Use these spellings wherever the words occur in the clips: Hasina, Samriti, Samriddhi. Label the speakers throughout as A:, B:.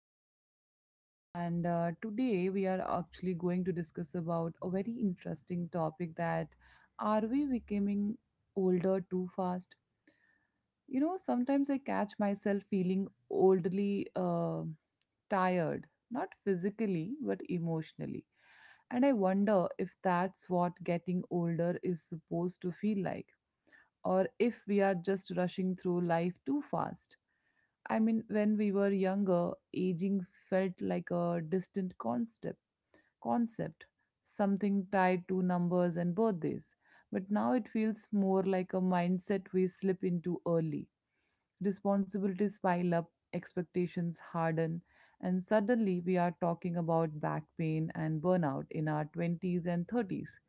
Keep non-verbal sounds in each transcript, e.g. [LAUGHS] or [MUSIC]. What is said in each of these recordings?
A: Samriddhi. And Today we are actually going to discuss about a very interesting topic, that are we becoming older too fast? You know, sometimes I catch myself feeling oldly tired, not physically, but emotionally. And I wonder if that's what getting older is supposed to feel like or if we are just rushing through life too fast. I mean, when we were younger, aging felt like a distant concept, something tied to numbers and birthdays. But now it feels more like a mindset we slip into early. Responsibilities pile up, expectations harden, and suddenly we are talking about back pain and burnout in our 20s and 30s.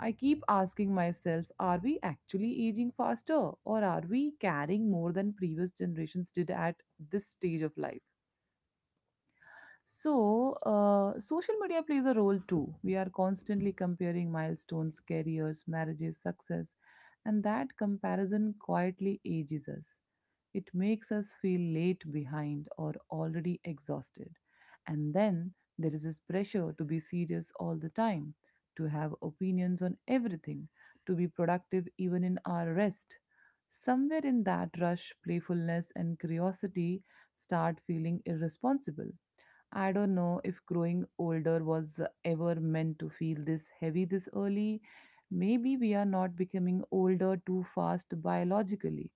A: I keep asking myself, are we actually aging faster, or are we carrying more than previous generations did at this stage of life? So, social media plays a role too. We are constantly comparing milestones, careers, marriages, success, and that comparison quietly ages us. It makes us feel late, behind, or already exhausted. And then there is this pressure to be serious all the time, to have opinions on everything, to be productive even in our rest. Somewhere in that rush, playfulness and curiosity start feeling irresponsible. I don't know if growing older was ever meant to feel this heavy this early. Maybe we are not becoming older too fast biologically,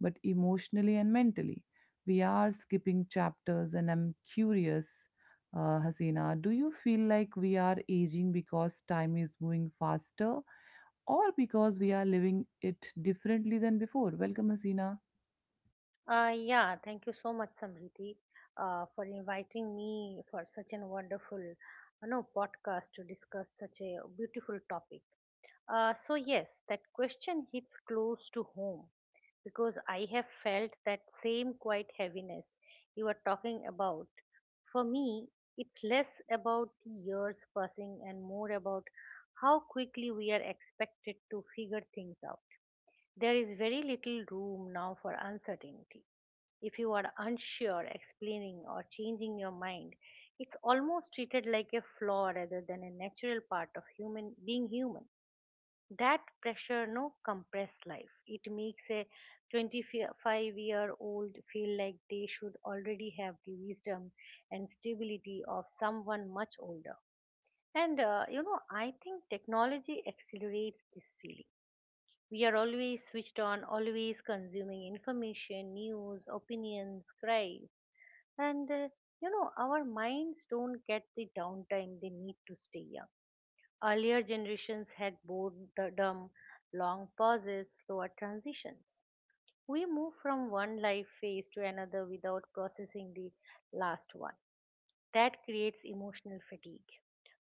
A: but emotionally and mentally. We are skipping chapters, and I'm curious, Hasina, do you feel like we are aging because time is moving faster or because we are living it differently than before? Welcome, Hasina.
B: Yeah, thank you so much, Samriti, for inviting me for such an wonderful, podcast to discuss such a beautiful topic. So yes, that question hits close to home because I have felt that same quiet heaviness you are talking about. For me, it's less about the years passing and more about how quickly we are expected to figure things out. There is very little room now for uncertainty if you are unsure, explaining, or changing your mind, it's almost treated like a flaw rather than a natural part of human being human. That pressure no compressed life. It makes a 25-year-old feel like they should already have the wisdom and stability of someone much older. And I think technology accelerates this feeling. We are always switched on, always consuming information, news, opinions, cries, and our minds don't get the downtime they need to stay young. Earlier generations had boredom, long pauses, slower transitions. We move from one life phase to another without processing the last one. That creates emotional fatigue,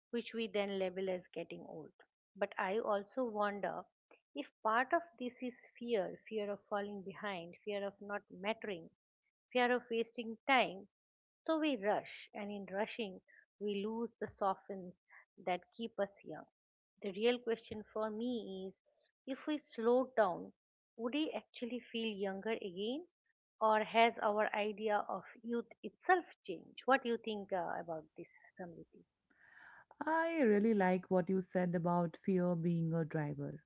B: which we then label as getting old. But I also wonder if part of this is fear fear of falling behind, fear of not mattering, fear of wasting time. So we rush, and in rushing, we lose the softens that keep us young. The real question for me is if we slow down would he actually feel younger again? Or has our idea of youth itself changed? What do you think about this, Samriti?
A: I really like what you said about fear being a driver.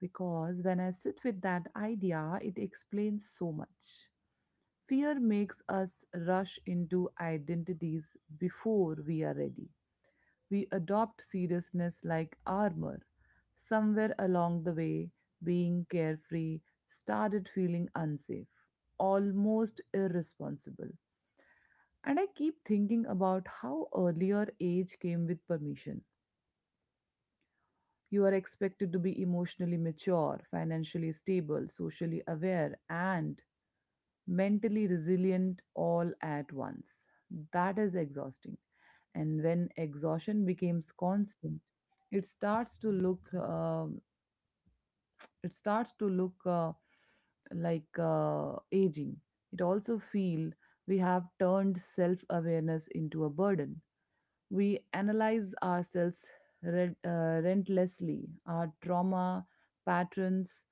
A: Because when I sit with that idea, it explains so much. Fear makes us rush into identities before we are ready. We adopt seriousness like armor. Somewhere along the way, being carefree started feeling unsafe, almost irresponsible. And I keep thinking about how earlier age came with permission. You are expected to be emotionally mature, financially stable, socially aware, and mentally resilient all at once. That is exhausting. And when exhaustion becomes constant, it starts to look it starts to look like aging. It also feel we have turned self awareness into a burden. We analyze ourselves re- uh, relentlessly, our trauma patterns,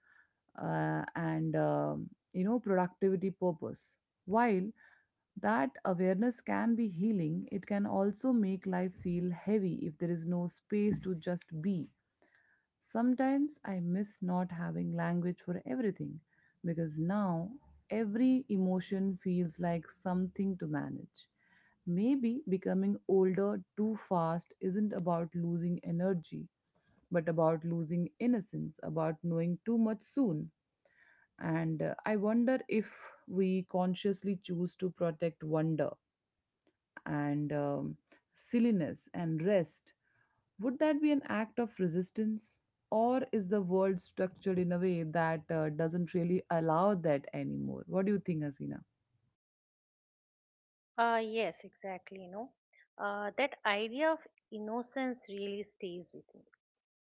A: and you know productivity purpose. While that awareness can be healing, it can also make life feel heavy if there is no space to just be. Sometimes I miss not having language for everything because now every emotion feels like something to manage. Maybe becoming older too fast isn't about losing energy, but about losing innocence, about knowing too much soon. And I wonder if we consciously choose to protect wonder and silliness and rest, would that be an act of resistance? Or is the world structured in a way that doesn't really allow that anymore? What do you think, Asina?
B: Yes, exactly. No, that idea of innocence really stays with me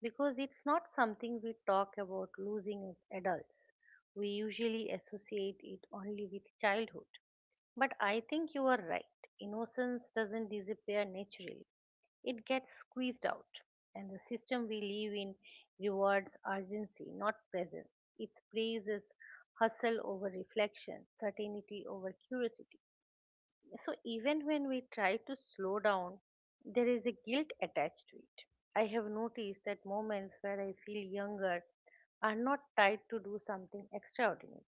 B: because it's not something we talk about losing as adults. We usually associate it only with childhood. But I think you are right. Innocence doesn't disappear naturally. It gets squeezed out. And the system we live in rewards urgency, not presence. It praises hustle over reflection, certainty over curiosity. So even when we try to slow down, there is a guilt attached to it. I have noticed that moments where I feel younger are not tied to do something extraordinary.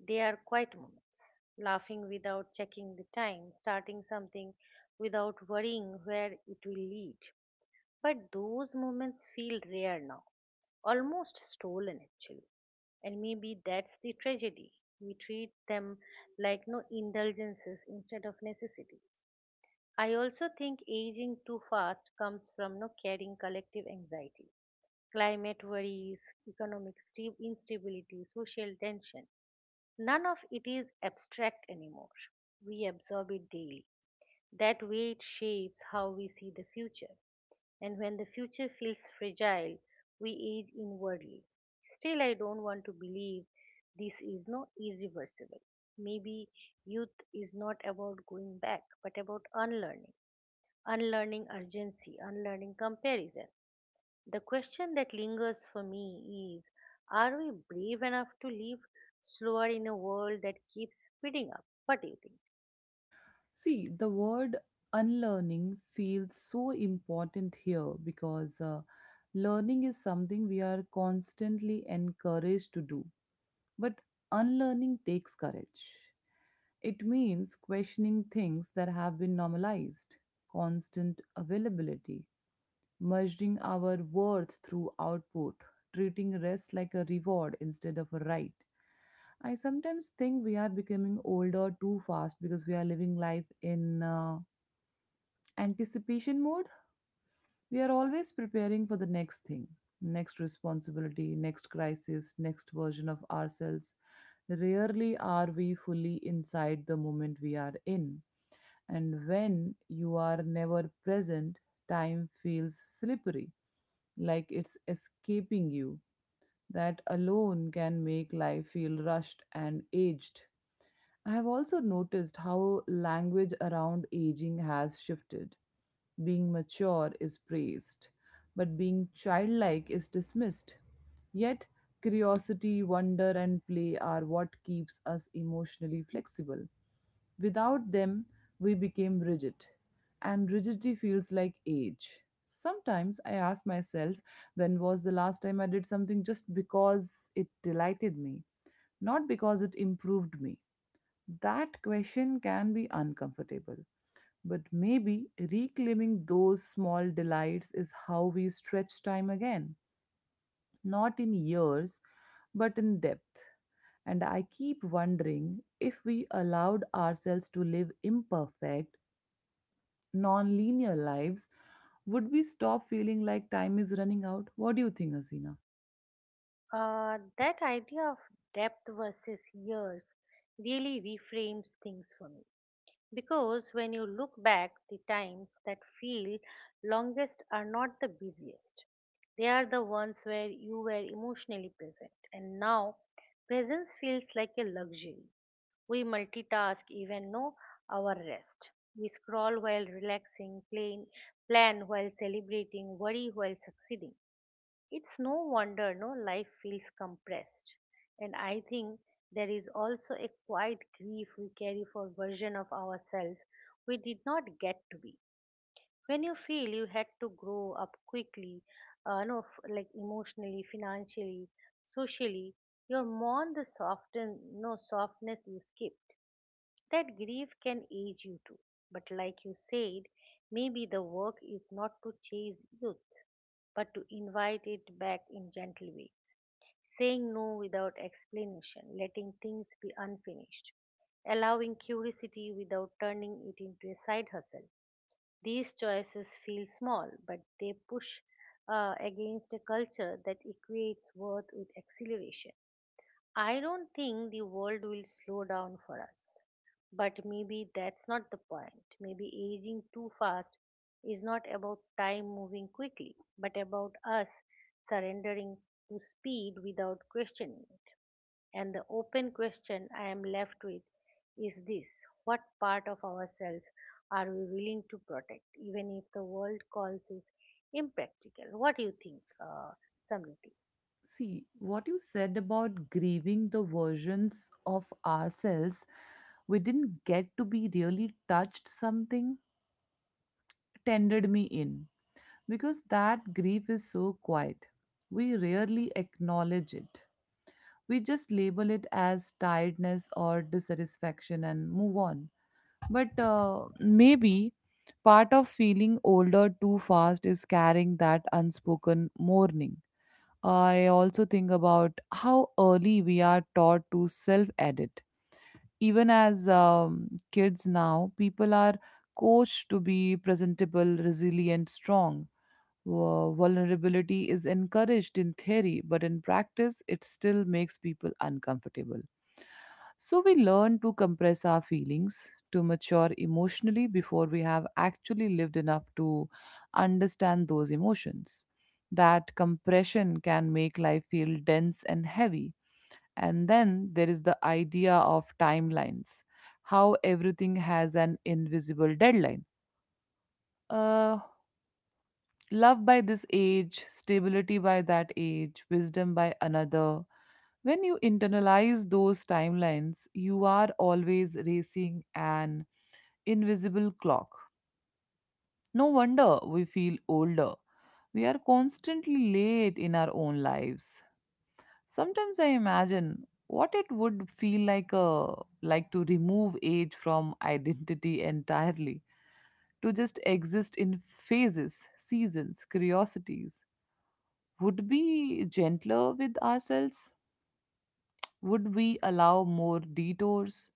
B: They are quiet moments, laughing without checking the time, starting something without worrying where it will lead. But those moments feel rare now, almost stolen actually. And maybe that's the tragedy. We treat them like no indulgences instead of necessities. I also think aging too fast comes from no carrying collective anxiety, climate worries, economic instability, social tension. None of it is abstract anymore. We absorb it daily. That weight shapes how we see the future and when the future feels fragile, we age inwardly. Still, I don't want to believe this is not irreversible. Maybe youth is not about going back, but about unlearning, unlearning urgency, unlearning comparison. The question that lingers for me is are we brave enough to live slower in a world that keeps speeding up? What do you think?
A: See, the word unlearning feels so important here because learning is something we are constantly encouraged to do. But unlearning takes courage. It means questioning things that have been normalized, constant availability, measuring our worth through output, treating rest like a reward instead of a right. I sometimes think we are becoming older too fast because we are living life in anticipation mode. We are always preparing for the next thing, next responsibility, next crisis, next version of ourselves. Rarely are we fully inside the moment we are in. And when you are never present, time feels slippery, like it's escaping you. That alone can make life feel rushed and aged. I have also noticed how language around aging has shifted. Being mature is praised, but being childlike is dismissed. Yet, curiosity, wonder, and play are what keeps us emotionally flexible. Without them, we became rigid, and rigidity feels like age. Sometimes I ask myself, when was the last time I did something just because it delighted me, not because it improved me? That question can be uncomfortable, but maybe reclaiming those small delights is how we stretch time again, not in years, but in depth. And I keep wondering, if we allowed ourselves to live imperfect, non linear lives, would we stop feeling like time is running out? What do you think, Asina?
B: That idea of depth versus years really reframes things for me. Because when you look back, the times that feel longest are not the busiest. They are the ones where you were emotionally present. And now, presence feels like a luxury. We multitask even know our rest. We scroll while relaxing, plan while celebrating, worry while succeeding. It's no wonder no life feels compressed. And I think there is also a quiet grief we carry for version of ourselves we did not get to be. When you feel you had to grow up quickly, no, f- like emotionally, financially, socially, you mourn the soften, no softness you skipped. That grief can age you too. But like you said, maybe the work is not to chase youth, but to invite it back in gentle ways saying no without explanation, letting things be unfinished, allowing curiosity without turning it into a side hustle. These choices feel small, but they push against a culture that equates worth with acceleration. I don't think the world will slow down for us, but maybe that's not the point. Maybe aging too fast is not about time moving quickly, but about us surrendering to speed without questioning. And the open question I am left with is this what part of ourselves are we willing to protect, even if the world calls it impractical? What do you think, Samriti?
A: See, what you said about grieving the versions of ourselves we didn't get to be really touched something, tendered me in. Because that grief is so quiet. We rarely acknowledge it. We just label it as tiredness or dissatisfaction and move on. But maybe part of feeling older too fast is carrying that unspoken mourning. I also think about how early we are taught to self edit. Even as kids now, people are coached to be presentable, resilient, strong. Vulnerability is encouraged in theory, but in practice, it still makes people uncomfortable. So we learn to compress our feelings, to mature emotionally before we have actually lived enough to understand those emotions. That compression can make life feel dense and heavy. And then there is the idea of timelines, how everything has an invisible deadline. Uh, Love by this age, stability by that age, wisdom by another. When you internalize those timelines, you are always racing an invisible clock. No wonder we feel older. We are constantly late in our own lives. Sometimes I imagine what it would feel like to remove age from [LAUGHS] identity entirely, to just exist in phases, seasons, curiosities. Would be gentler with ourselves? Would we allow more detours?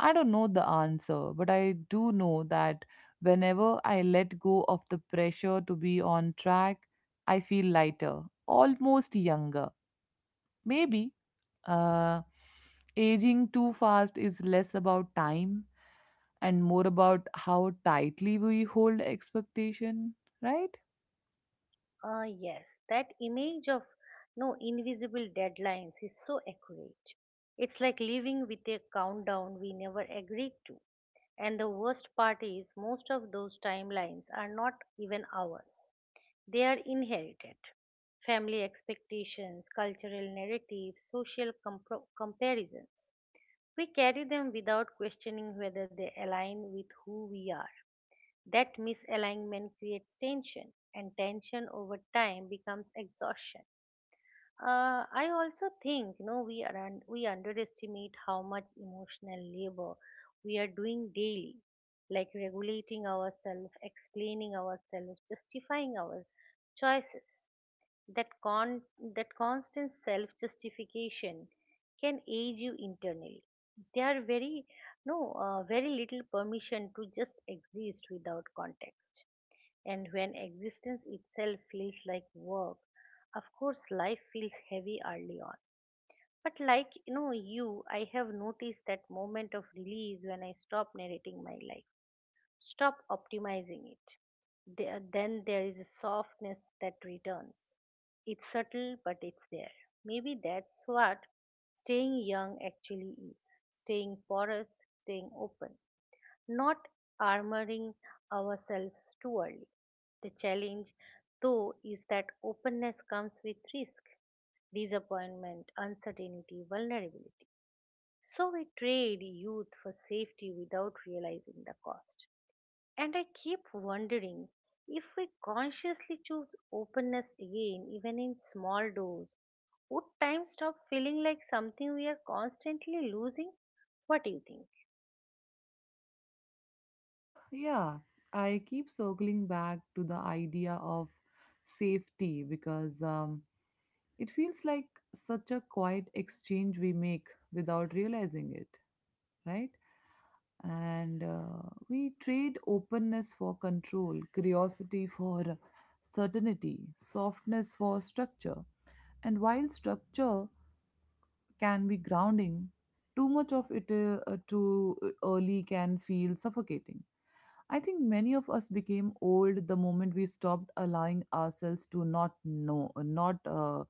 A: I don't know the answer, but I do know that whenever I let go of the pressure to be on track, I feel lighter, almost younger. Maybe uh, aging too fast is less about time and more about how tightly we hold expectation, right?
B: Yes, that image of no invisible deadlines is so accurate. It's like living with a countdown we never agreed to. And the worst part is, most of those timelines are not even ours. They are inherited. Family expectations, cultural narratives, social comparisons. We carry them without questioning whether they align with who we are. That misalignment creates tension, and tension over time becomes exhaustion. I also think we are we underestimate how much emotional labor we are doing daily, like regulating ourselves, explaining ourselves, justifying our choices. That, con- that constant self justification can age you internally. There are very no very little permission to just exist without context. And when existence itself feels like work, of course life feels heavy early on. But like I have noticed that moment of release when I stop narrating my life. Stop optimizing it. Then there is a softness that returns. It's subtle, but it's there. Maybe that's what staying young actually is staying porous, staying open, not armoring ourselves too early. The challenge, though, is that openness comes with risk, disappointment, uncertainty, vulnerability. So we trade youth for safety without realizing the cost. And I keep wondering if we consciously choose openness again, even in small doses, would time stop feeling like something we are constantly losing? What do you think?
A: Yeah, I keep circling back to the idea of safety, because it feels like such a quiet exchange we make without realizing it, right? And We trade openness for control, curiosity for certainty, softness for structure. And while structure can be grounding, too much of it too early can feel suffocating. I think many of us became old the moment we stopped allowing ourselves to not know, not uh,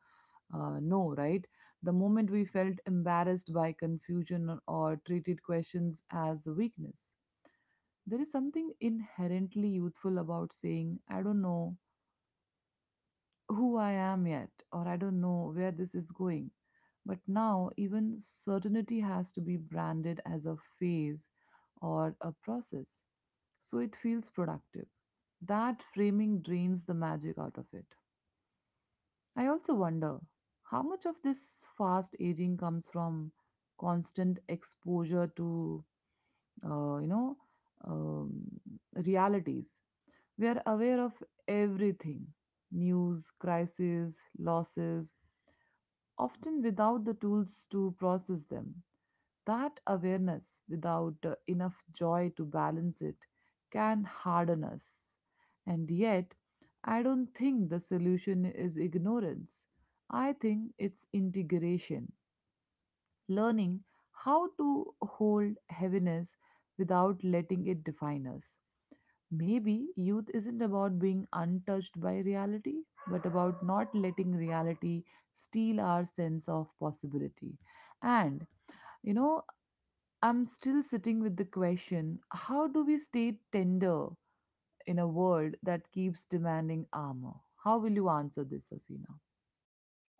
A: uh, know, right? The moment we felt embarrassed by confusion or treated questions as a weakness. There is something inherently youthful about saying, I don't know who I am yet, or I don't know where this is going. But now, even certainty has to be branded as a phase or a process so it feels productive. That framing drains the magic out of it. I also wonder how much of this fast aging comes from constant exposure to, uh, you know, um, realities. We are aware of everything, news, crises, losses, often without the tools to process them. That awareness, without enough joy to balance it, can harden us. And yet, I don't think the solution is ignorance. I think it's integration, learning how to hold heaviness without letting it define us. Maybe youth isn't about being untouched by reality, but about not letting reality steal our sense of possibility. And you know, I'm still sitting with the question, how do we stay tender in a world that keeps demanding armor? How will you answer this, Asina?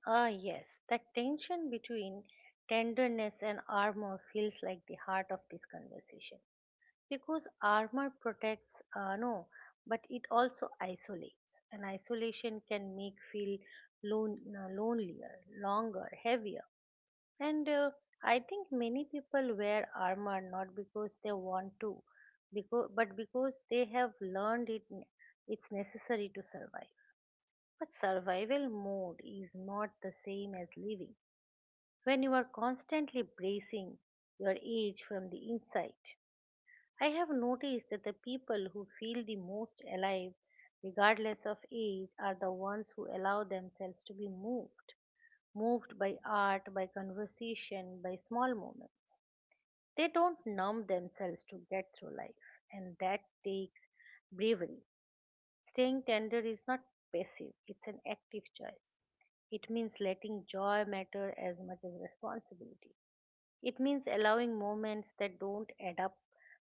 B: Ah, yes, the tension between tenderness and armor feels like the heart of this conversation because armor protects, no, but it also isolates, and isolation can make feel lonelier, longer, heavier. And I think many people wear armor not because they want to, but because they have learned it, it's necessary to survive. But survival mode is not the same as living. When you are constantly bracing your age from the inside, I have noticed that the people who feel the most alive, regardless of age, are the ones who allow themselves to be moved. Moved by art, by conversation, by small moments. They don't numb themselves to get through life, and that takes bravery. Staying tender is not passive, it's an active choice. It means letting joy matter as much as responsibility. It means allowing moments that don't add up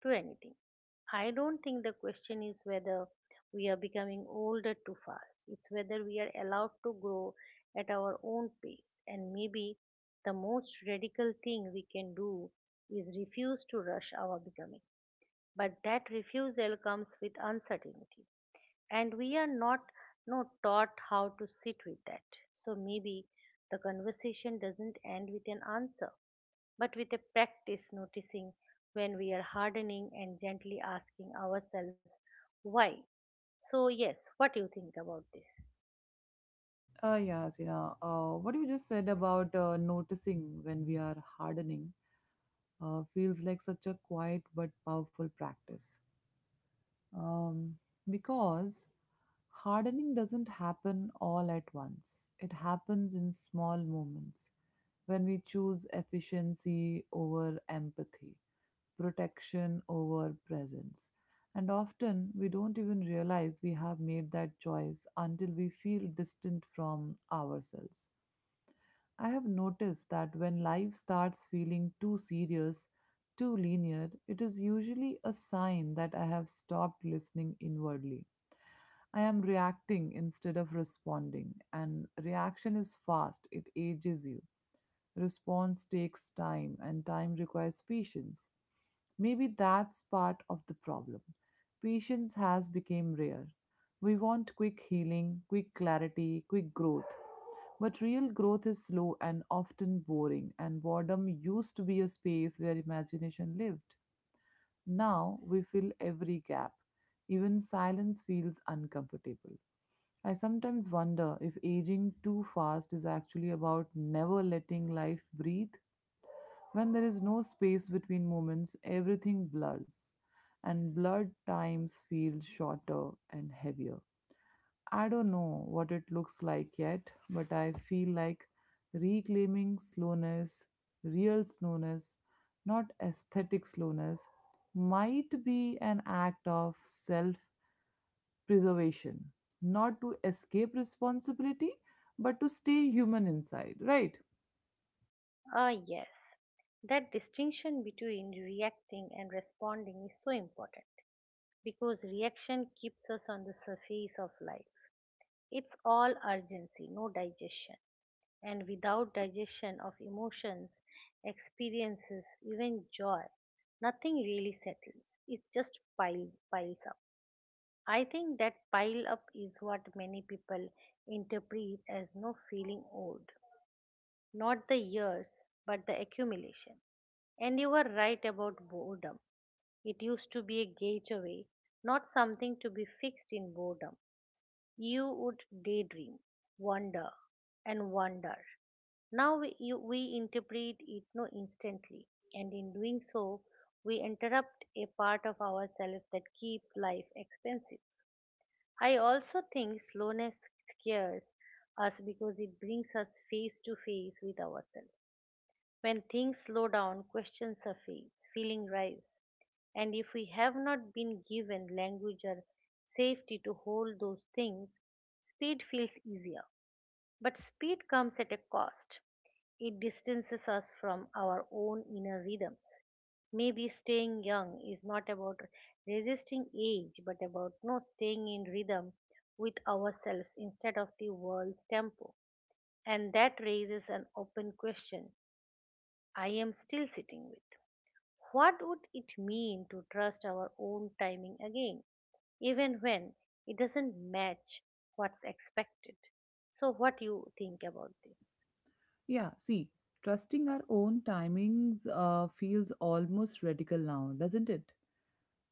B: to anything. I don't think the question is whether we are becoming older too fast. It's whether we are allowed to grow at our own pace. And maybe the most radical thing we can do is refuse to rush our becoming. But that refusal comes with uncertainty. And we are not taught how to sit with that. So maybe the conversation doesn't end with an answer but with a practice noticing when we are hardening and gently asking ourselves why. So, yes, what do you think about this?
A: Yeah, Sina, what you just said about noticing when we are hardening feels like such a quiet but powerful practice. Um, because hardening doesn't happen all at once, it happens in small moments when we choose efficiency over empathy, protection over presence. And often we don't even realize we have made that choice until we feel distant from ourselves. I have noticed that when life starts feeling too serious, too linear, it is usually a sign that I have stopped listening inwardly. I am reacting instead of responding, and reaction is fast, it ages you. Response takes time, and time requires patience. Maybe that's part of the problem. Patience has become rare. We want quick healing, quick clarity, quick growth. But real growth is slow and often boring, and boredom used to be a space where imagination lived. Now we fill every gap. Even silence feels uncomfortable. I sometimes wonder if aging too fast is actually about never letting life breathe. When there is no space between moments, everything blurs, and blurred times feel shorter and heavier. I don't know what it looks like yet, but I feel like reclaiming slowness, real slowness, not aesthetic slowness, might be an act of self preservation, not to escape responsibility, but to stay human inside, right?
B: Ah, yes, that distinction between reacting and responding is so important because reaction keeps us on the surface of life. It's all urgency, no digestion. And without digestion of emotions, experiences, even joy, nothing really settles. It just piles up. I think that pile up is what many people interpret as no feeling old not the years, but the accumulation. And you were right about boredom. It used to be a gateway, not something to be fixed in boredom. You would daydream, wonder, and wonder. Now we interpret it no instantly, and in doing so, we interrupt a part of ourselves that keeps life expensive. I also think slowness scares us because it brings us face to face with ourselves. When things slow down, questions surface, feeling rise, and if we have not been given language or safety to hold those things, speed feels easier. But speed comes at a cost. It distances us from our own inner rhythms. Maybe staying young is not about resisting age, but about not staying in rhythm with ourselves instead of the world's tempo. And that raises an open question I am still sitting with. What would it mean to trust our own timing again, even when it doesn't match what's expected? So, what do you think about this?
A: Yeah, see, trusting our own timings feels almost radical now, doesn't it?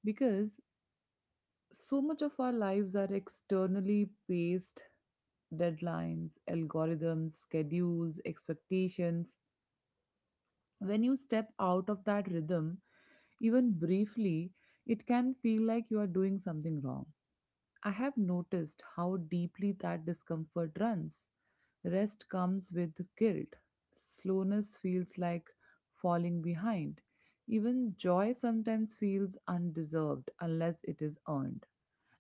A: Because so much of our lives are externally based, deadlines, algorithms, schedules, expectations. When you step out of that rhythm, even briefly, it can feel like you are doing something wrong. I have noticed how deeply that discomfort runs. Rest comes with guilt. Slowness feels like falling behind. Even joy sometimes feels undeserved unless it is earned.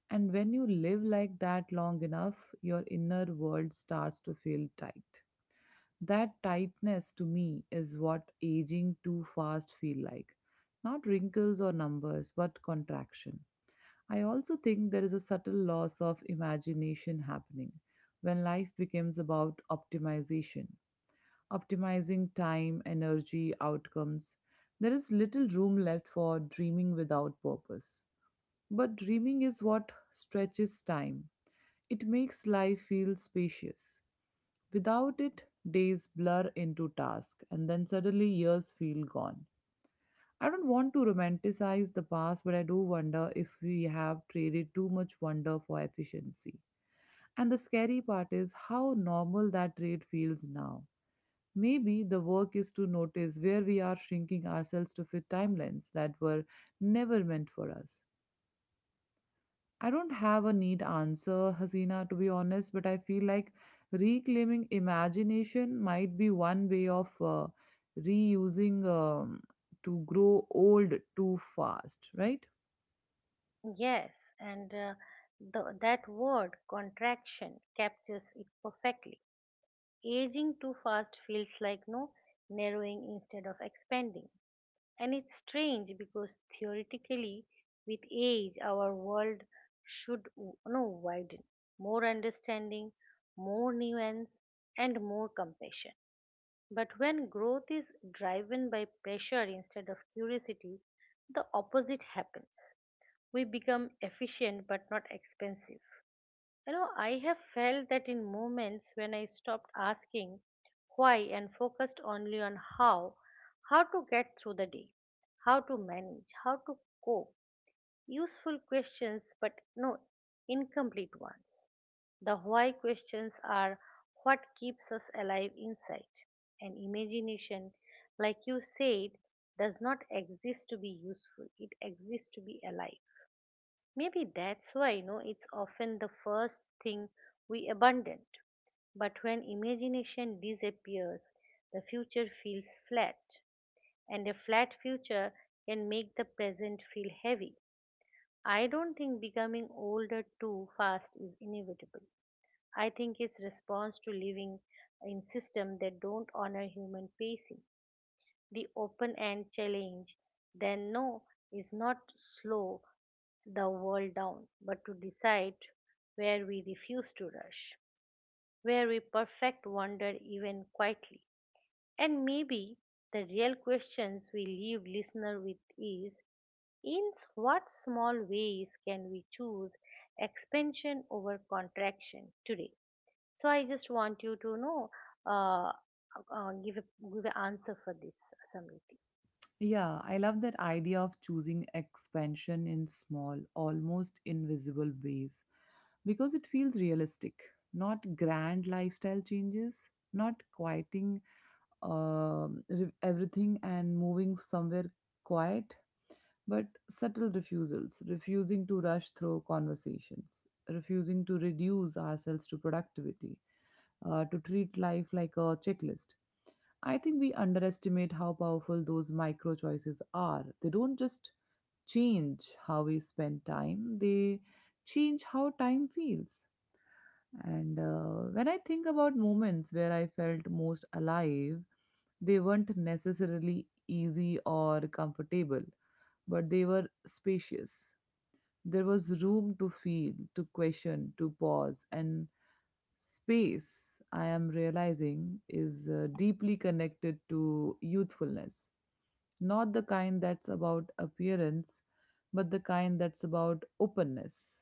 A: And when you live like that long enough, your inner world starts to feel tight. That tightness to me is what aging too fast feel like. Not wrinkles or numbers, but contraction. I also think there is a subtle loss of imagination happening when life becomes about optimization, optimizing time, energy, outcomes. There is little room left for dreaming without purpose. But dreaming is what stretches time. It makes life feel spacious. Without it, days blur into tasks, and then suddenly years feel gone. I don't want to romanticize the past, but I do wonder if we have traded too much wonder for efficiency. And the scary part is how normal that trade feels now. Maybe the work is to notice where we are shrinking ourselves to fit timelines that were never meant for us. I don't have a neat answer, Hasina, to be honest, but I feel like reclaiming imagination might be one way of reusing to grow old too fast, right?
B: Yes, and that word contraction captures it perfectly. Aging too fast feels like no narrowing instead of expanding. And it's strange because theoretically, with age, our world should w- no widen, more understanding, more nuance, and more compassion. But when growth is driven by pressure instead of curiosity, the opposite happens we become efficient but not expensive. You know, I have felt that in moments when I stopped asking why and focused only on how to get through the day, how to manage, how to cope. Useful questions, but no incomplete ones. The why questions are what keeps us alive inside. And imagination, like you said, does not exist to be useful, it exists to be alive. Maybe that's why, it's often the first thing we abandon. But when imagination disappears, the future feels flat, and a flat future can make the present feel heavy. I don't think becoming older too fast is inevitable. I think it's response to living in systems that don't honor human pacing. The open end challenge, then no, is not slow the world down, but to decide where we refuse to rush, where we perfect wonder even quietly. And maybe the real questions we leave listener with is in what small ways can we choose expansion over contraction today? So I just want you to know uh, uh, give a, give an answer for this, Samriti.
A: Yeah, I love that idea of choosing expansion in small, almost invisible ways because it feels realistic, not grand lifestyle changes, not quieting everything and moving somewhere quiet but subtle refusals, refusing to rush through conversations, refusing to reduce ourselves to productivity, to treat life like a checklist. I think we underestimate how powerful those micro choices are. They don't just change how we spend time, they change how time feels. And when I think about moments where I felt most alive, they weren't necessarily easy or comfortable, but they were spacious. There was room to feel, to question, to pause, and space, I am realizing, is deeply connected to youthfulness. Not the kind that's about appearance, but the kind that's about openness.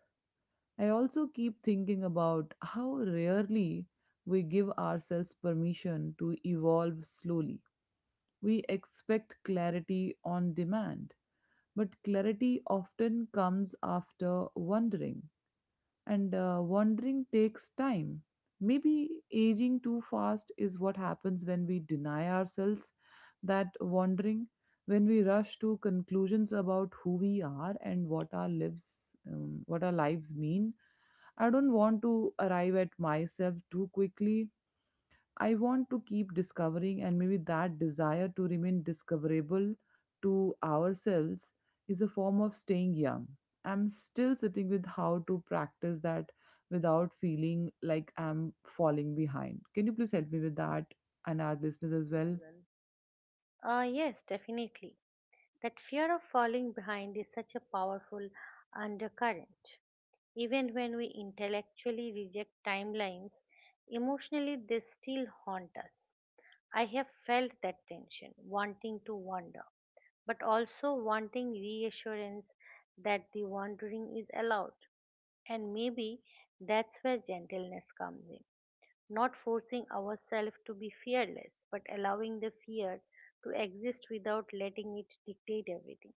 A: I also keep thinking about how rarely we give ourselves permission to evolve slowly. We expect clarity on demand, but clarity often comes after wondering and wandering takes time. Maybe aging too fast is what happens when we deny ourselves that wandering, when we rush to conclusions about who we are and what our lives mean. I don't want to arrive at myself too quickly. I want to keep discovering, and maybe that desire to remain discoverable to ourselves is a form of staying young. I'm still sitting with how to practice that without feeling like I'm falling behind. Can you please help me with that and our listeners as well?
B: Yes, definitely. That fear of falling behind is such a powerful undercurrent. Even when we intellectually reject timelines, emotionally they still haunt us. I have felt that tension, wanting to wander, but also wanting reassurance that the wandering is allowed. And maybe that's where gentleness comes in, not forcing ourselves to be fearless, but allowing the fear to exist without letting it dictate everything.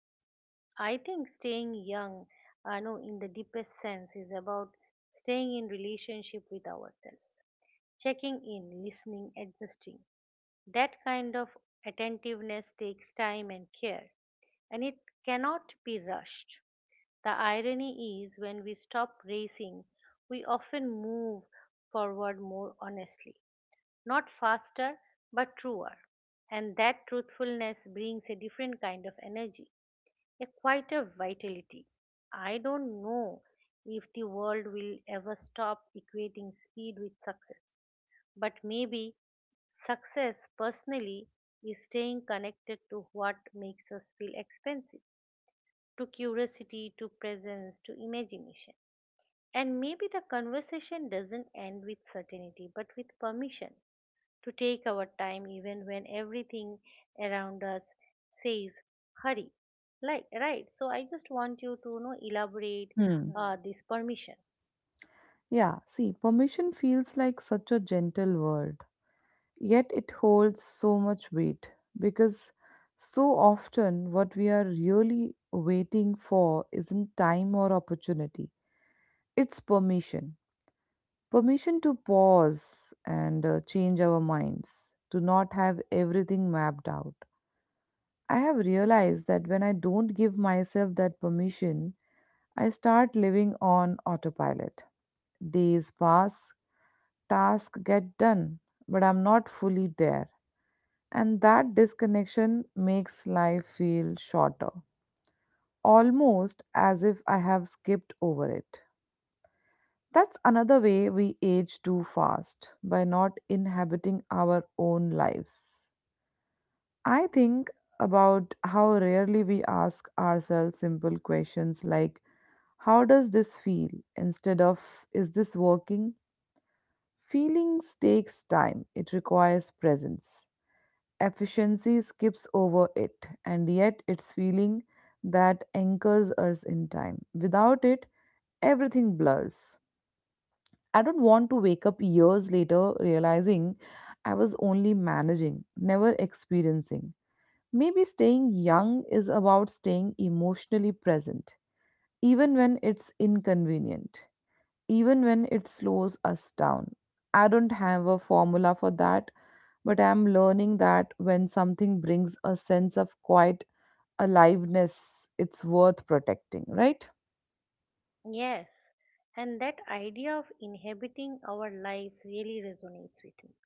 B: I think staying young, I know in the deepest sense, is about staying in relationship with ourselves, checking in, listening, adjusting. That kind of attentiveness takes time and care, and it cannot be rushed. The irony is when we stop racing, we often move forward more honestly, not faster but truer, and that truthfulness brings a different kind of energy, a quieter vitality. I don't know if the world will ever stop equating speed with success, but maybe success personally is staying connected to what makes us feel expansive, to curiosity, to presence, to imagination. And maybe the conversation doesn't end with certainty but with permission to take our time even when everything around us says hurry. Like, right. So I just want you to elaborate.
A: Hmm.
B: Hmm. This permission.
A: Yeah, see, permission feels like such a gentle word. Yet it holds so much weight because so often what we are really waiting for isn't time or opportunity, it's permission. Permission to pause and change our minds, to not have everything mapped out. I have realized that when I don't give myself that permission, I start living on autopilot. Days pass, tasks get done, but I'm not fully there. And that disconnection makes life feel shorter, almost as if I have skipped over it. That's another way we age too fast by not inhabiting our own lives. I think about how rarely we ask ourselves simple questions like, "How does this feel?" instead of, "Is this working?" Feelings takes time, it requires presence. Efficiency skips over it, and yet it's feeling that anchors us in time. Without it, everything blurs. I don't want to wake up years later realizing I was only managing, never experiencing. Maybe staying young is about staying emotionally present, even when it's inconvenient, even when it slows us down. I don't have a formula for that, but I'm learning that when something brings a sense of quiet aliveness, it's worth protecting, right?
B: Yes. And that idea of inhabiting our lives really resonates with me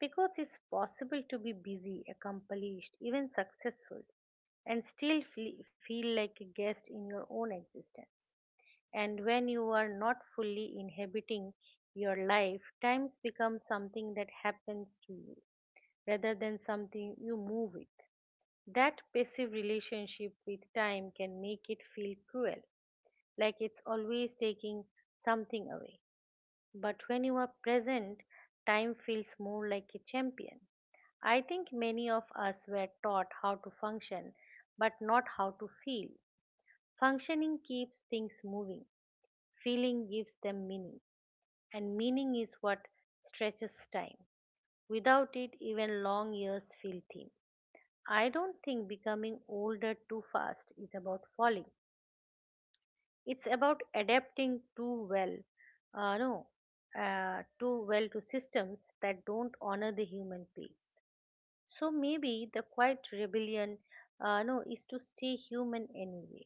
B: because it's possible to be busy, accomplished, even successful, and still feel like a guest in your own existence. And when you are not fully inhabiting your life, times become something that happens to you rather than something you move with. That passive relationship with time can make it feel cruel, like it's always taking something away. But when you are present, time feels more like a champion. I think many of us were taught how to function, but not how to feel. Functioning keeps things moving, feeling gives them meaning. And meaning is what stretches time. Without it, even long years feel thin. I don't think becoming older too fast is about falling. It's about adapting too well, no, too well to systems that don't honor the human pace. So maybe the quiet rebellion, no, is to stay human anyway,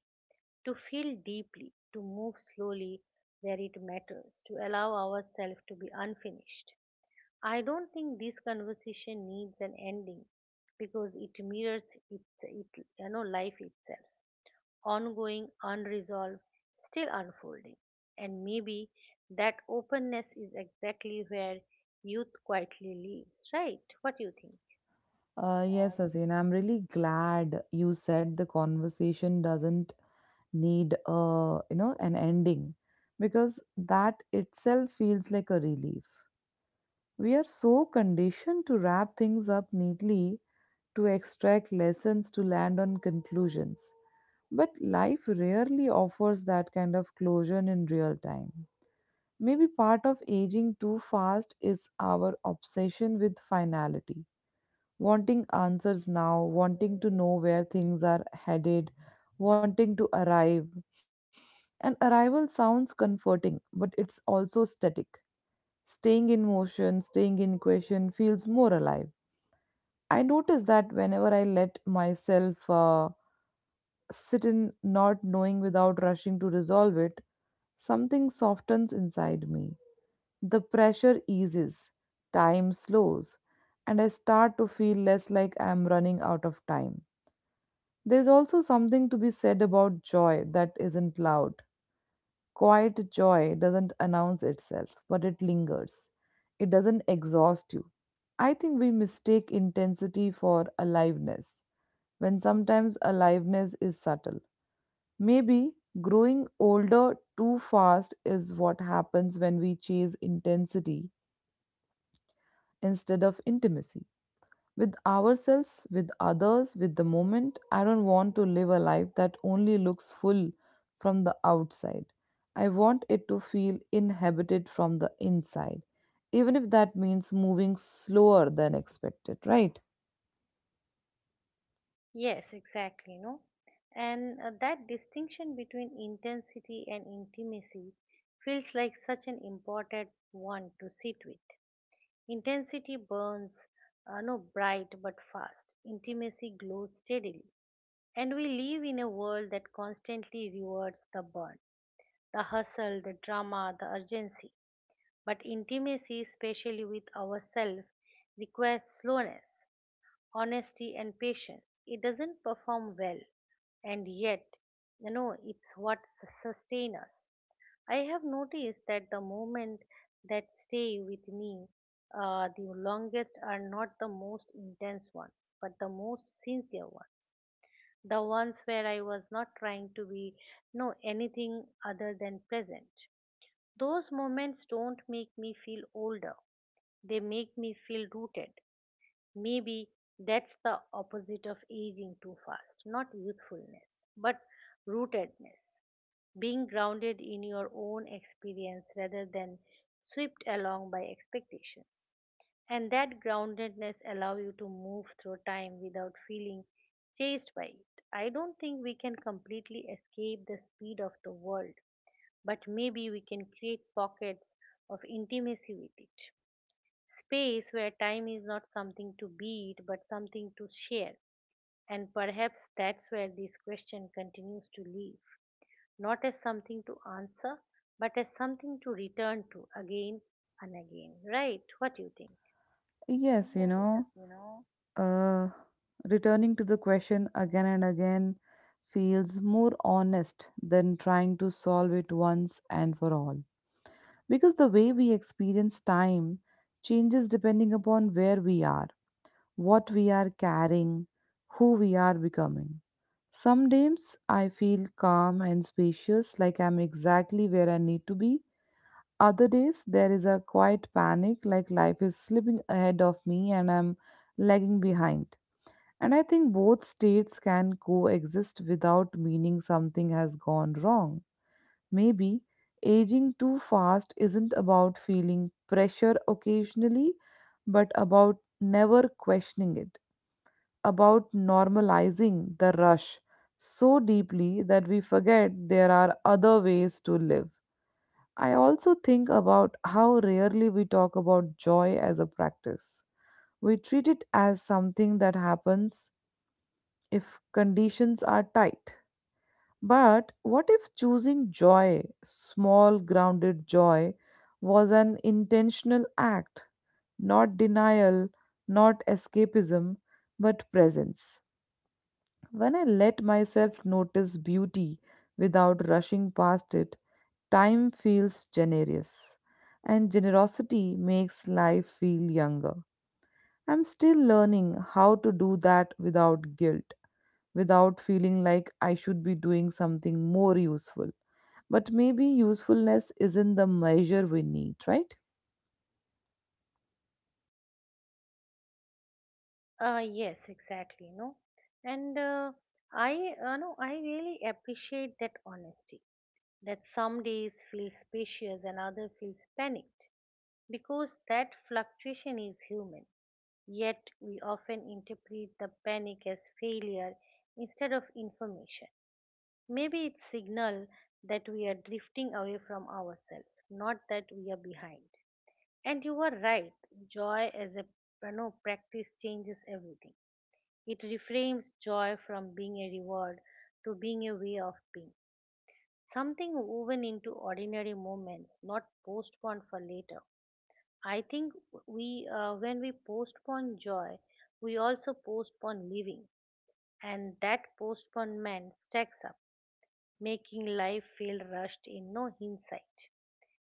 B: to feel deeply, to move slowly where it matters, to allow ourselves to be unfinished. I don't think this conversation needs an ending because it mirrors its it, life itself, ongoing, unresolved, still unfolding. And maybe that openness is exactly where youth quietly lives, right? What do you think?
A: Yes, Asin, I'm really glad you said the conversation doesn't need a an ending because that itself feels like a relief. We are so conditioned to wrap things up neatly, to extract lessons, to land on conclusions. But life rarely offers that kind of closure in real time. Maybe part of aging too fast is our obsession with finality, wanting answers now, wanting to know where things are headed, wanting to arrive. And arrival sounds comforting, but it's also static. Staying in motion, staying in question feels more alive. I notice that whenever I let myself sit in not knowing without rushing to resolve it, something softens inside me. The pressure eases, time slows, and I start to feel less like I am running out of time. There is also something to be said about joy that isn't loud. Quiet joy doesn't announce itself, but it lingers. It doesn't exhaust you. I think we mistake intensity for aliveness, when sometimes aliveness is subtle. Maybe growing older too fast is what happens when we chase intensity instead of intimacy with ourselves, with others, with the moment. I don't want to live a life that only looks full from the outside. I want it to feel inhabited from the inside, even if that means moving slower than expected, right?
B: Yes, exactly, no? And that distinction between intensity and intimacy feels like such an important one to sit with. Intensity burns, no, bright but fast. Intimacy glows steadily. And we live in a world that constantly rewards the burn, the hustle, the drama, the urgency. But intimacy, especially with ourselves, requires slowness, honesty, and patience. It doesn't perform well, and yet, it's what sustains us. I have noticed that the moments that stay with me the longest are not the most intense ones, but the most sincere ones. The ones where I was not trying to be no anything other than present. Those moments don't make me feel older. They make me feel rooted. Maybe that's the opposite of aging too fast, not youthfulness, but rootedness. Being grounded in your own experience rather than swept along by expectations. And that groundedness allows you to move through time without feeling chased by it. I don't think we can completely escape the speed of the world, but maybe we can create pockets of intimacy with it, space where time is not something to beat but something to share. And perhaps that's where this question continues to live, not as something to answer, but as something to return to again and again. Right? What do you think?
A: Yes, you
B: Yes,
A: know,
B: you know.
A: uh, returning to the question again and again feels more honest than trying to solve it once and for all. Because the way we experience time changes depending upon where we are, what we are carrying, who we are becoming. Some days I feel calm and spacious, like I'm exactly where I need to be. Other days there is a quiet panic, like life is slipping ahead of me and I'm lagging behind. And I think both states can coexist without meaning something has gone wrong. Maybe aging too fast isn't about feeling pressure occasionally, but about never questioning it, about normalizing the rush so deeply that we forget there are other ways to live. I also think about how rarely we talk about joy as a practice. We treat it as something that happens if conditions are tight, but what if choosing joy, small grounded joy, was an intentional act, not denial, not escapism, but presence? When I let myself notice beauty without rushing past it, time feels generous, and generosity makes life feel younger. I'm still learning how to do that without guilt, without feeling like I should be doing something more useful. But maybe usefulness isn't the measure we need, right?
B: Yes, exactly. No, and I, no, I really appreciate that honesty. That some days feel spacious and other feels panicked because that fluctuation is human. Yet we often interpret the panic as failure instead of information. Maybe it's signal that we are drifting away from ourselves, not that we are behind. And you are right. Joy as a, practice changes everything. It reframes joy from being a reward to being a way of being. Something woven into ordinary moments, not postponed for later. I think when we postpone joy, we also postpone living, and that postponement stacks up, making life feel rushed in no hindsight.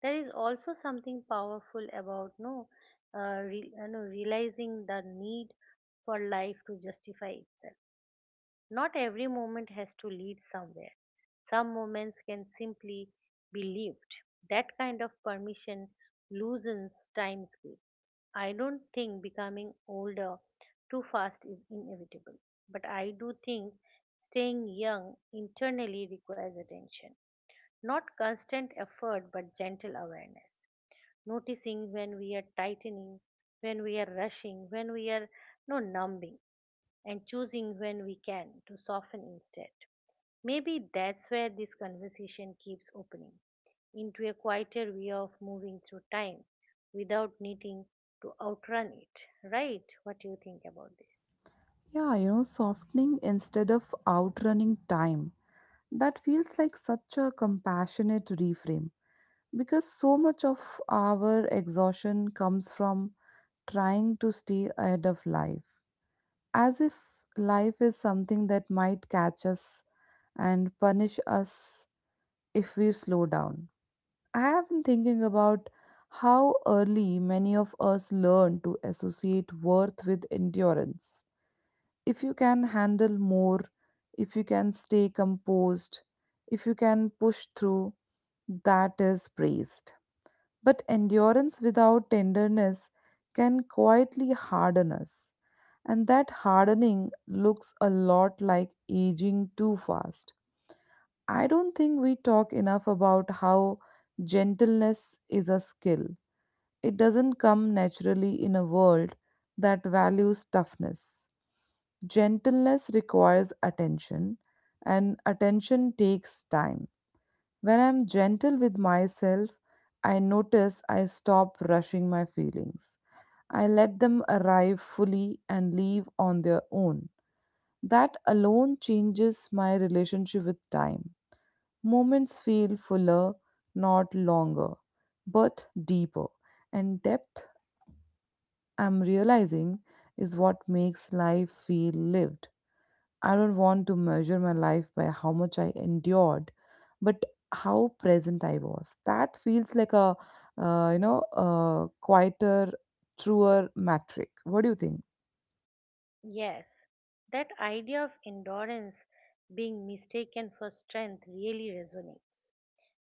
B: There is also something powerful about no, re, you know, realizing the need for life to justify itself. Not every moment has to lead somewhere. Some moments can simply be lived. That kind of permission loosens time's grip. I don't think becoming older too fast is inevitable, but I do think staying young internally requires attention. Not constant effort, but gentle awareness. Noticing when we are tightening, when we are rushing, when we are no numbing, and choosing when we can to soften instead. Maybe that's where this conversation keeps opening into a quieter way of moving through time without needing to outrun it, right? What do you think about this?
A: Yeah, you know, softening instead of outrunning time. That feels like such a compassionate reframe because so much of our exhaustion comes from trying to stay ahead of life, as if life is something that might catch us and punish us if we slow down. I have been thinking about how early many of us learn to associate worth with endurance. If you can handle more, if you can stay composed, if you can push through, that is praised. But endurance without tenderness can quietly harden us. And that hardening looks a lot like aging too fast. I don't think we talk enough about how gentleness is a skill. It doesn't come naturally in a world that values toughness. Gentleness requires attention, and attention takes time. When I'm gentle with myself, I notice I stop rushing my feelings. I let them arrive fully and leave on their own. That alone changes my relationship with time. Moments feel fuller, not longer, but deeper, and depth, I'm realizing, is what makes life feel lived. I don't want to measure my life by how much I endured, but how present I was. That feels like a quieter, truer metric. What do you think?
B: Yes, that idea of endurance being mistaken for strength really resonates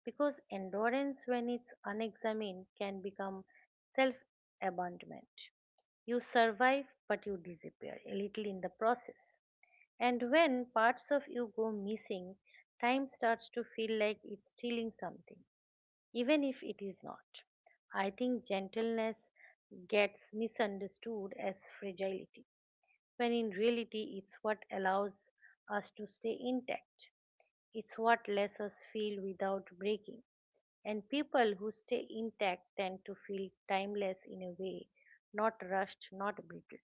B: because endurance, when it's unexamined, can become self abandonment. You survive, but you disappear a little in the process. And when parts of you go missing, time starts to feel like it's stealing something, even if it is not. I think gentleness gets misunderstood as fragility, when in reality, it's what allows us to stay intact. It's what lets us feel without breaking. And people who stay intact tend to feel timeless in a way, not rushed, not brittle.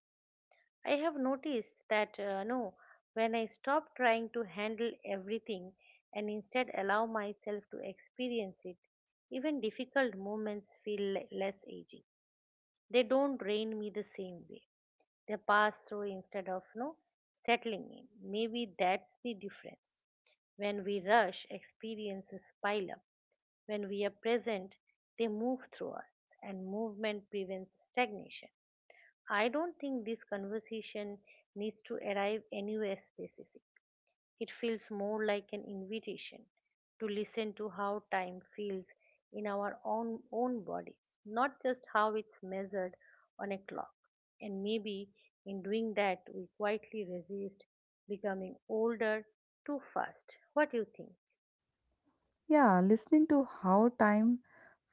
B: I have noticed that no, when I stop trying to handle everything and instead allow myself to experience it, even difficult moments feel less aging. They don't drain me the same way. They pass through instead of no settling in. Maybe that's the difference. When we rush, experiences pile up. When we are present, they move through us, and movement prevents stagnation. I don't think this conversation needs to arrive anywhere specific. It feels more like an invitation to listen to how time feels in our own bodies, not just how it's measured on a clock. And maybe in doing that, we quietly resist becoming older too fast. What do you think?
A: Yeah, listening to how time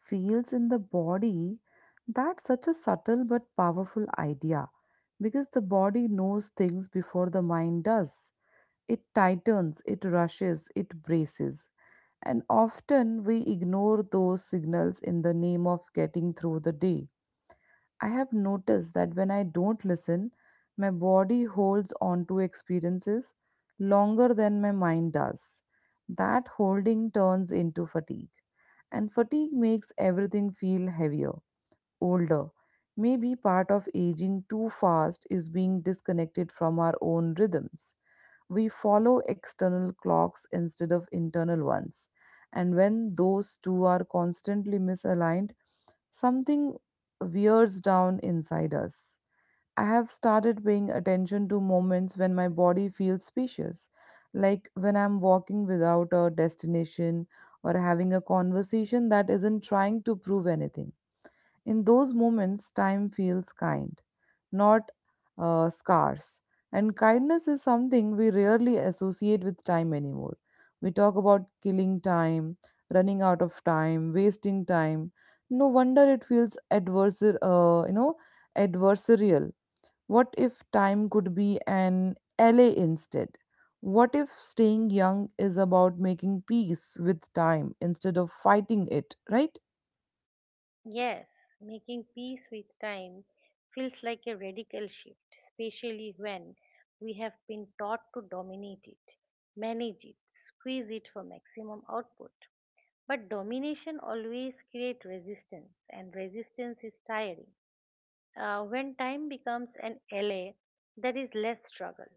A: feels in the body, that's such a subtle but powerful idea because the body knows things before the mind does. It tightens, it rushes, it braces. And often we ignore those signals in the name of getting through the day. I have noticed that when I don't listen, my body holds on to experiences longer than my mind does. That holding turns into fatigue. And fatigue makes everything feel heavier, older. Maybe part of aging too fast is being disconnected from our own rhythms, we follow external clocks instead of internal ones. And when those two are constantly misaligned, something wears down inside us. I have started paying attention to moments when my body feels spacious, like when I'm walking without a destination or having a conversation that isn't trying to prove anything. In those moments, time feels kind, not scarce. And kindness is something we rarely associate with time anymore. We talk about killing time, running out of time, wasting time. No wonder it feels adversarial. What if time could be an ally instead? What if staying young is about making peace with time instead of fighting it, right?
B: Yes, making peace with time feels like a radical shift, especially when we have been taught to dominate it, manage it, squeeze it for maximum output. But domination always creates resistance, and resistance is tiring. When time becomes an ally, there is less struggle.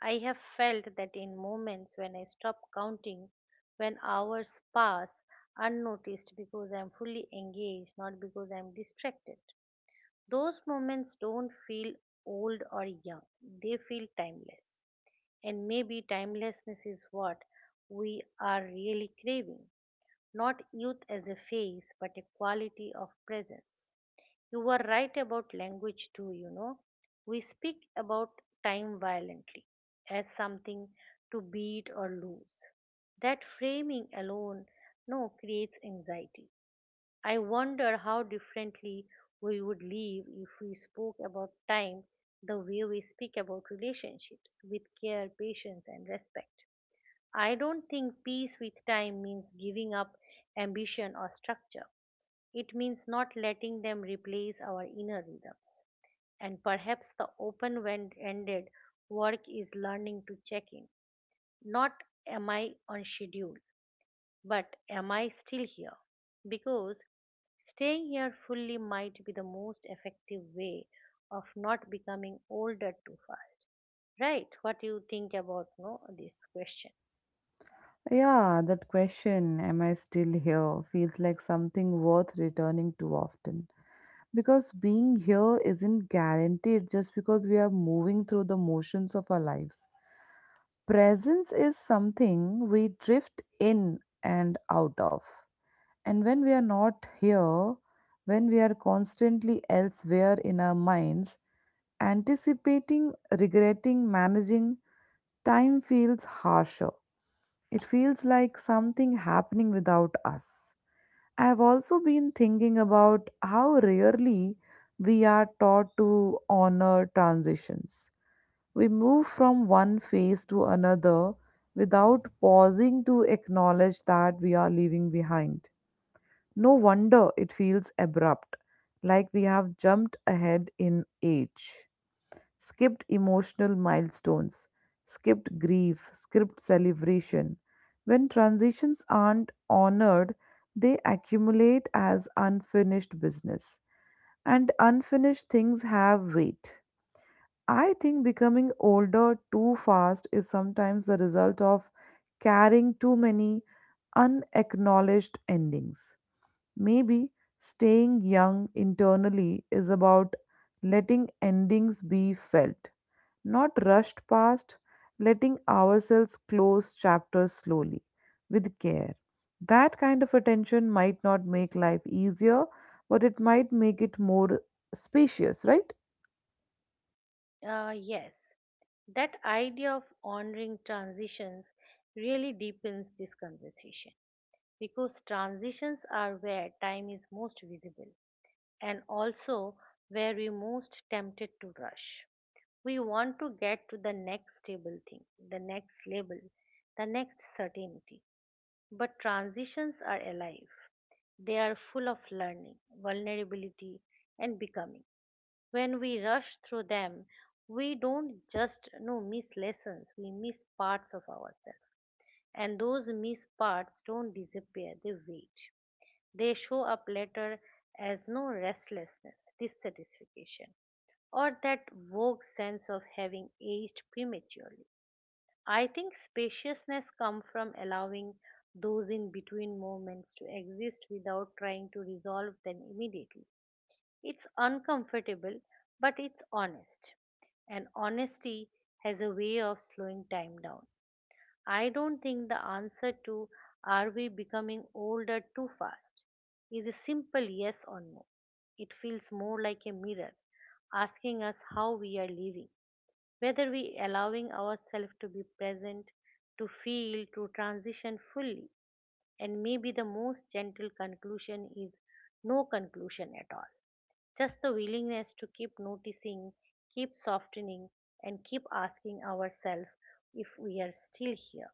B: I have felt that in moments when I stop counting, when hours pass unnoticed because I'm fully engaged, not because I'm distracted. Those moments don't feel old or young, they feel timeless. And maybe timelessness is what we are really craving, not youth as a phase, but a quality of presence. You were right about language too, you know. We speak about time violently, as something to beat or lose. That framing alone, no, creates anxiety. I wonder how differently we would live if we spoke about time the way we speak about relationships, with care, patience, and respect. I don't think peace with time means giving up ambition or structure. It means not letting them replace our inner rhythms. And perhaps the open ended work is learning to check in. Not am I on schedule, but am I still here? Because staying here fully might be the most effective way of not becoming older too fast. Right, what do you think about no, this question?
A: Yeah, that question, am I still here, feels like something worth returning to often. Because being here isn't guaranteed just because we are moving through the motions of our lives. Presence is something we drift in and out of. And when we are not here, when we are constantly elsewhere in our minds, anticipating, regretting, managing, time feels harsher, it feels like something happening without us. I have also been thinking about how rarely we are taught to honor transitions. We move from one phase to another without pausing to acknowledge that we are leaving behind. No wonder it feels abrupt, like we have jumped ahead in age, skipped emotional milestones, skipped grief, skipped celebration. When transitions aren't honored, they accumulate as unfinished business. And unfinished things have weight. I think becoming older too fast is sometimes the result of carrying too many unacknowledged endings. Maybe staying young internally is about letting endings be felt, not rushed past, letting ourselves close chapters slowly, with care. That kind of attention might not make life easier, but it might make it more spacious, right?
B: Yes, that idea of honoring transitions really deepens this conversation. Because transitions are where time is most visible and also where we most tempted to rush. We want to get to the next stable thing, the next label, the next certainty. But transitions are alive, they are full of learning, vulnerability, and becoming. When we rush through them, we don't just miss lessons, we miss parts of ourselves. And those missed parts don't disappear, they wait. They show up later as no restlessness, dissatisfaction, or that vague sense of having aged prematurely. I think spaciousness comes from allowing those in between moments to exist without trying to resolve them immediately. It's uncomfortable, but it's honest. And honesty has a way of slowing time down. I don't think the answer to are we becoming older too fast is a simple yes or no. It feels more like a mirror asking us how we are living, whether we allowing ourselves to be present, to feel, to transition fully. And maybe the most gentle conclusion is no conclusion at all. Just the willingness to keep noticing, keep softening, and keep asking ourselves if we are still here.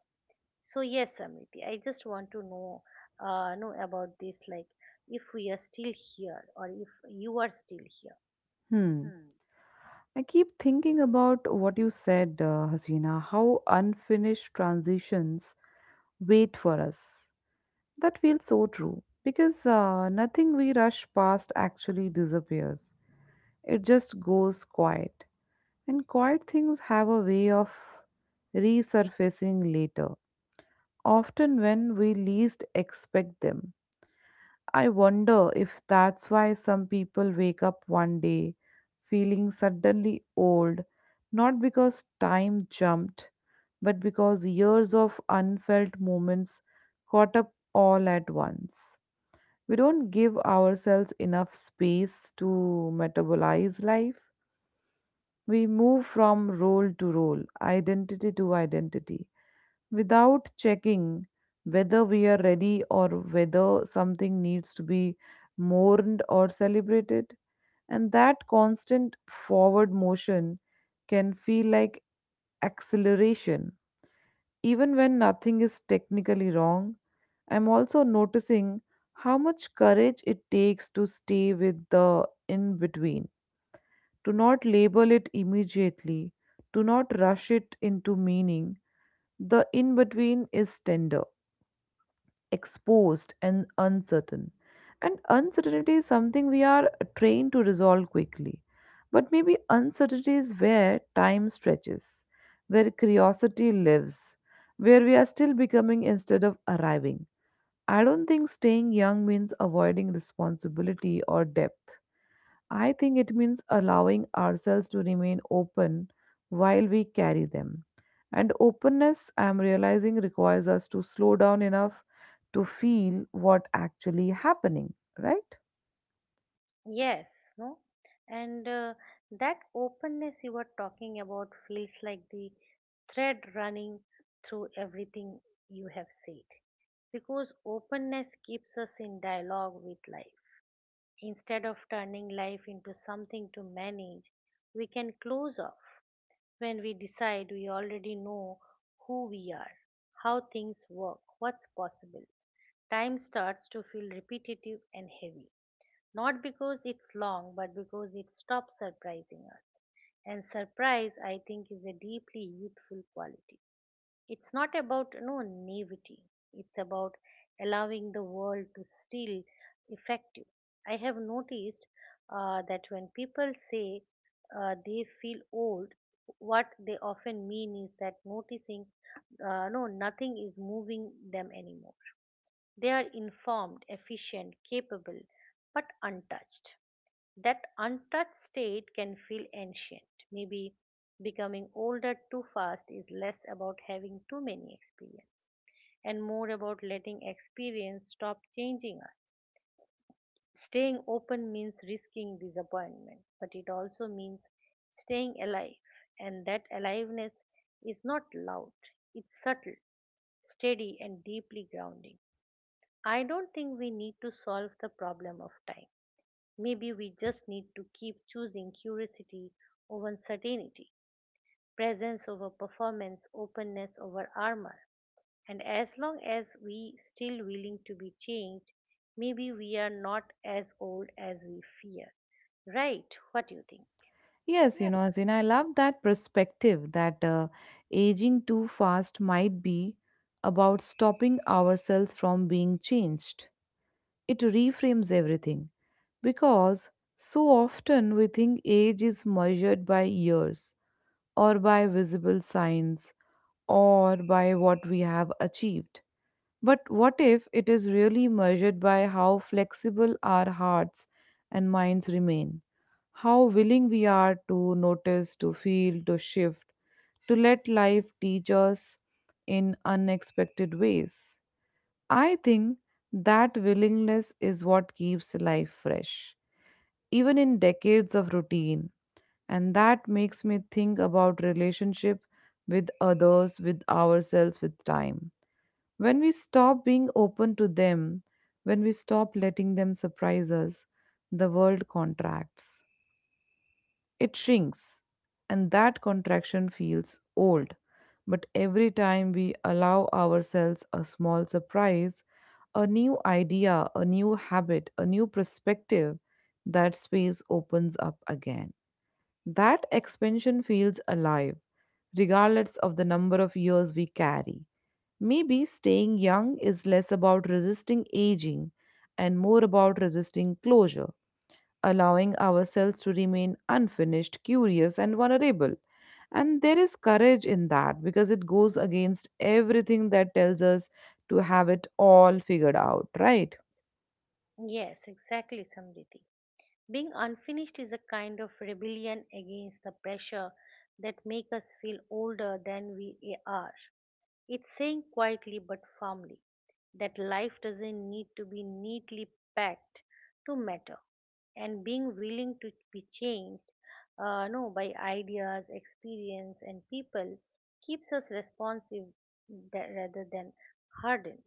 B: So yes, Samriti, I just want to know about this like if we are still here or if you are still here.
A: Hmm.
B: Hmm.
A: I keep thinking about what you said, Hasina, how unfinished transitions wait for us. That feels so true because nothing we rush past actually disappears. It just goes quiet. And quiet things have a way of resurfacing later, often when we least expect them. I wonder if that's why some people wake up one day feeling suddenly old, not because time jumped, but because years of unfelt moments caught up all at once. We don't give ourselves enough space to metabolize life. We move from role to role, identity to identity without checking whether we are ready or whether something needs to be mourned or celebrated. And that constant forward motion can feel like acceleration. Even when nothing is technically wrong, I'm also noticing how much courage it takes to stay with the in between, to not label it immediately, to not rush it into meaning, the in between is tender, exposed, and uncertain. And uncertainty is something we are trained to resolve quickly. But maybe uncertainty is where time stretches, where curiosity lives, where we are still becoming instead of arriving. I don't think staying young means avoiding responsibility or depth. I think it means allowing ourselves to remain open while we carry them. And openness, I'm realizing, requires us to slow down enough to feel what actually happening, right?
B: Yes, no? And that openness you were talking about feels like the thread running through everything you have said. Because openness keeps us in dialogue with life. Instead of turning life into something to manage, we can close off. When we decide, we already know who we are, how things work, what's possible. Time starts to feel repetitive and heavy, not because it's long, but because it stops surprising us. And surprise, I think, is a deeply youthful quality. It's not about no naivety. It's about allowing the world to still affect you. I have noticed that when people say they feel old, what they often mean is that noticing no nothing is moving them anymore. They are informed, efficient, capable, but untouched. That untouched state can feel ancient. Maybe becoming older too fast is less about having too many experiences and more about letting experience stop changing us. Staying open means risking disappointment, but it also means staying alive, and that aliveness is not loud, it's subtle, steady, and deeply grounding. I don't think we need to solve the problem of time. Maybe we just need to keep choosing curiosity over uncertainty, presence over performance, openness over armor. And as long as we still willing to be changed, maybe we are not as old as we fear. Right? What do you think?
A: Yes, you know, Azin, I love that perspective that aging too fast might be about stopping ourselves from being changed. It reframes everything because so often we think age is measured by years, or by visible signs or by what we have achieved. But what if it is really measured by how flexible our hearts and minds remain? How willing we are to notice, to feel, to shift, to let life teach us in unexpected ways? I think that willingness is what keeps life fresh. Even in decades of routine, and that makes me think about relationship with others, with ourselves, with time. When we stop being open to them, when we stop letting them surprise us, the world contracts, it shrinks, and that contraction feels old. But every time we allow ourselves a small surprise, a new idea, a new habit, a new perspective, that space opens up again. That expansion feels alive, regardless of the number of years we carry. Maybe staying young is less about resisting aging and more about resisting closure, allowing ourselves to remain unfinished, curious, and vulnerable. And there is courage in that because it goes against everything that tells us to have it all figured out, right?
B: Right. Yes, exactly, Samriti. Being unfinished is a kind of rebellion against the pressure that make us feel older than we are. It's saying quietly but firmly that life doesn't need to be neatly packed to matter, and being willing to be changed no, by ideas, experience, and people keeps us responsive rather than hardened.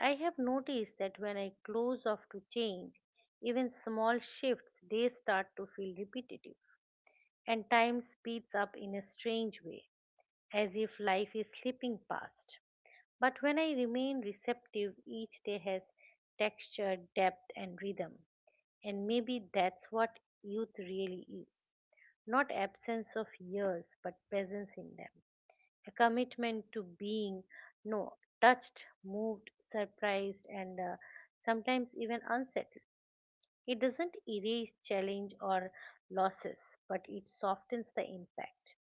B: I have noticed that when I close off to change, even small shifts they start to feel repetitive, and time speeds up in a strange way, as if life is slipping past. But when I remain receptive, each day has texture, depth, and rhythm. And maybe that's what youth really is not absence of years, but presence in them. A commitment to being no touched, moved, surprised, and sometimes even unsettled. It doesn't erase challenge or losses, but it softens the impact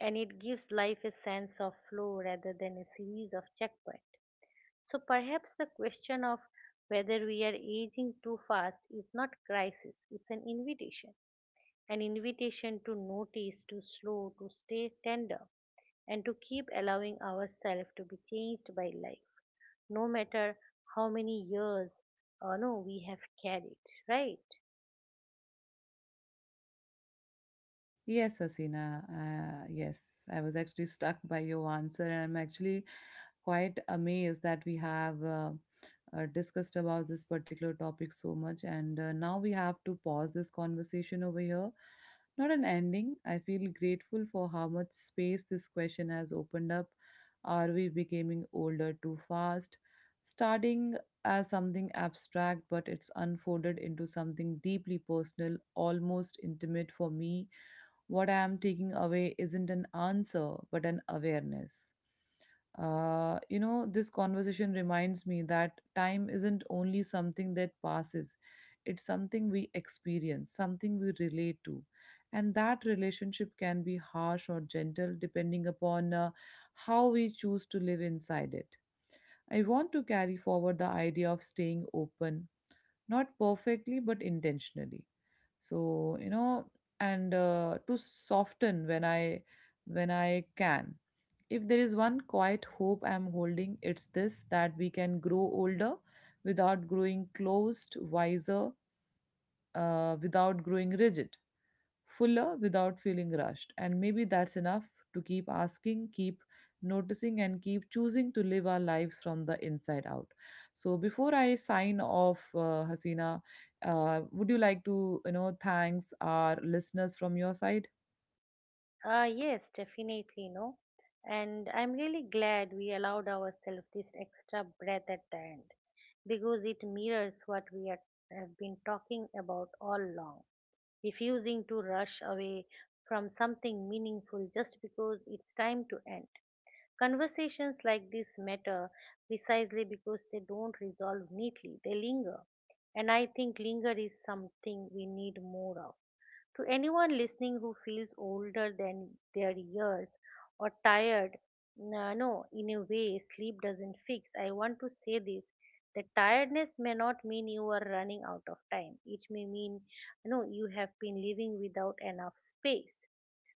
B: and it gives life a sense of flow rather than a series of checkpoints. So perhaps the question of whether we are aging too fast is not crisis, it's an invitation. An invitation to notice, to slow, to stay tender, and to keep allowing ourselves to be changed by life, no matter how many years no, we have carried, right?
A: Yes, Asina. Yes, I was actually struck by your answer, and I'm actually quite amazed that we have discussed about this particular topic so much. And now we have to pause this conversation over here. Not an ending. I feel grateful for how much space this question has opened up. Are we becoming older too fast? Starting as something abstract, but it's unfolded into something deeply personal, almost intimate for me. What I am taking away isn't an answer, but an awareness. You know, this conversation reminds me that time isn't only something that passes, it's something we experience, something we relate to. And that relationship can be harsh or gentle depending upon how we choose to live inside it. I want to carry forward the idea of staying open, not perfectly but intentionally, so you know, and to soften when I can. If there is one quiet hope I'm holding, it's this, that we can grow older without growing closed, wiser without growing rigid, fuller without feeling rushed. And maybe that's enough to keep asking, keep noticing, and keep choosing to live our lives from the inside out. So before I sign off, Hasina, would you like to, you know, thanks our listeners from your side?
B: Yes, definitely, no. And I'm really glad we allowed ourselves this extra breath at the end because it mirrors what we are, have been talking about all along, refusing to rush away from something meaningful just because it's time to end. Conversations like this matter precisely because they don't resolve neatly, they linger. And I think linger is something we need more of to anyone listening who feels older than their years or tired, no, in a way, sleep doesn't fix. I want to say this that tiredness may not mean you are running out of time. It may mean, no, you have been living without enough space.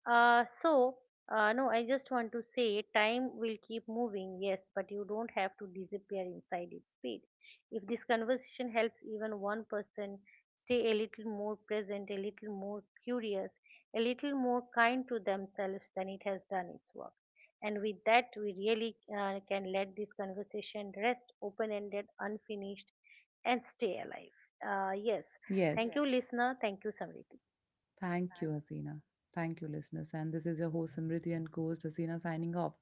B: Uh, so, no, I just want to say time will keep moving, yes, but you don't have to disappear inside its speed. If this conversation helps even one person stay a little more present, a little more curious, a little more kind to themselves, then it has done its work. And with that, we really can let this conversation rest open ended, unfinished, and stay alive. Uh, yes, thank
A: Yes,
B: Yes. you, Right. listener. Thank you, Samriti.
A: thank you, Hasina. Thank you, listeners. And this is your host, Simriti, and co host Hasina signing off.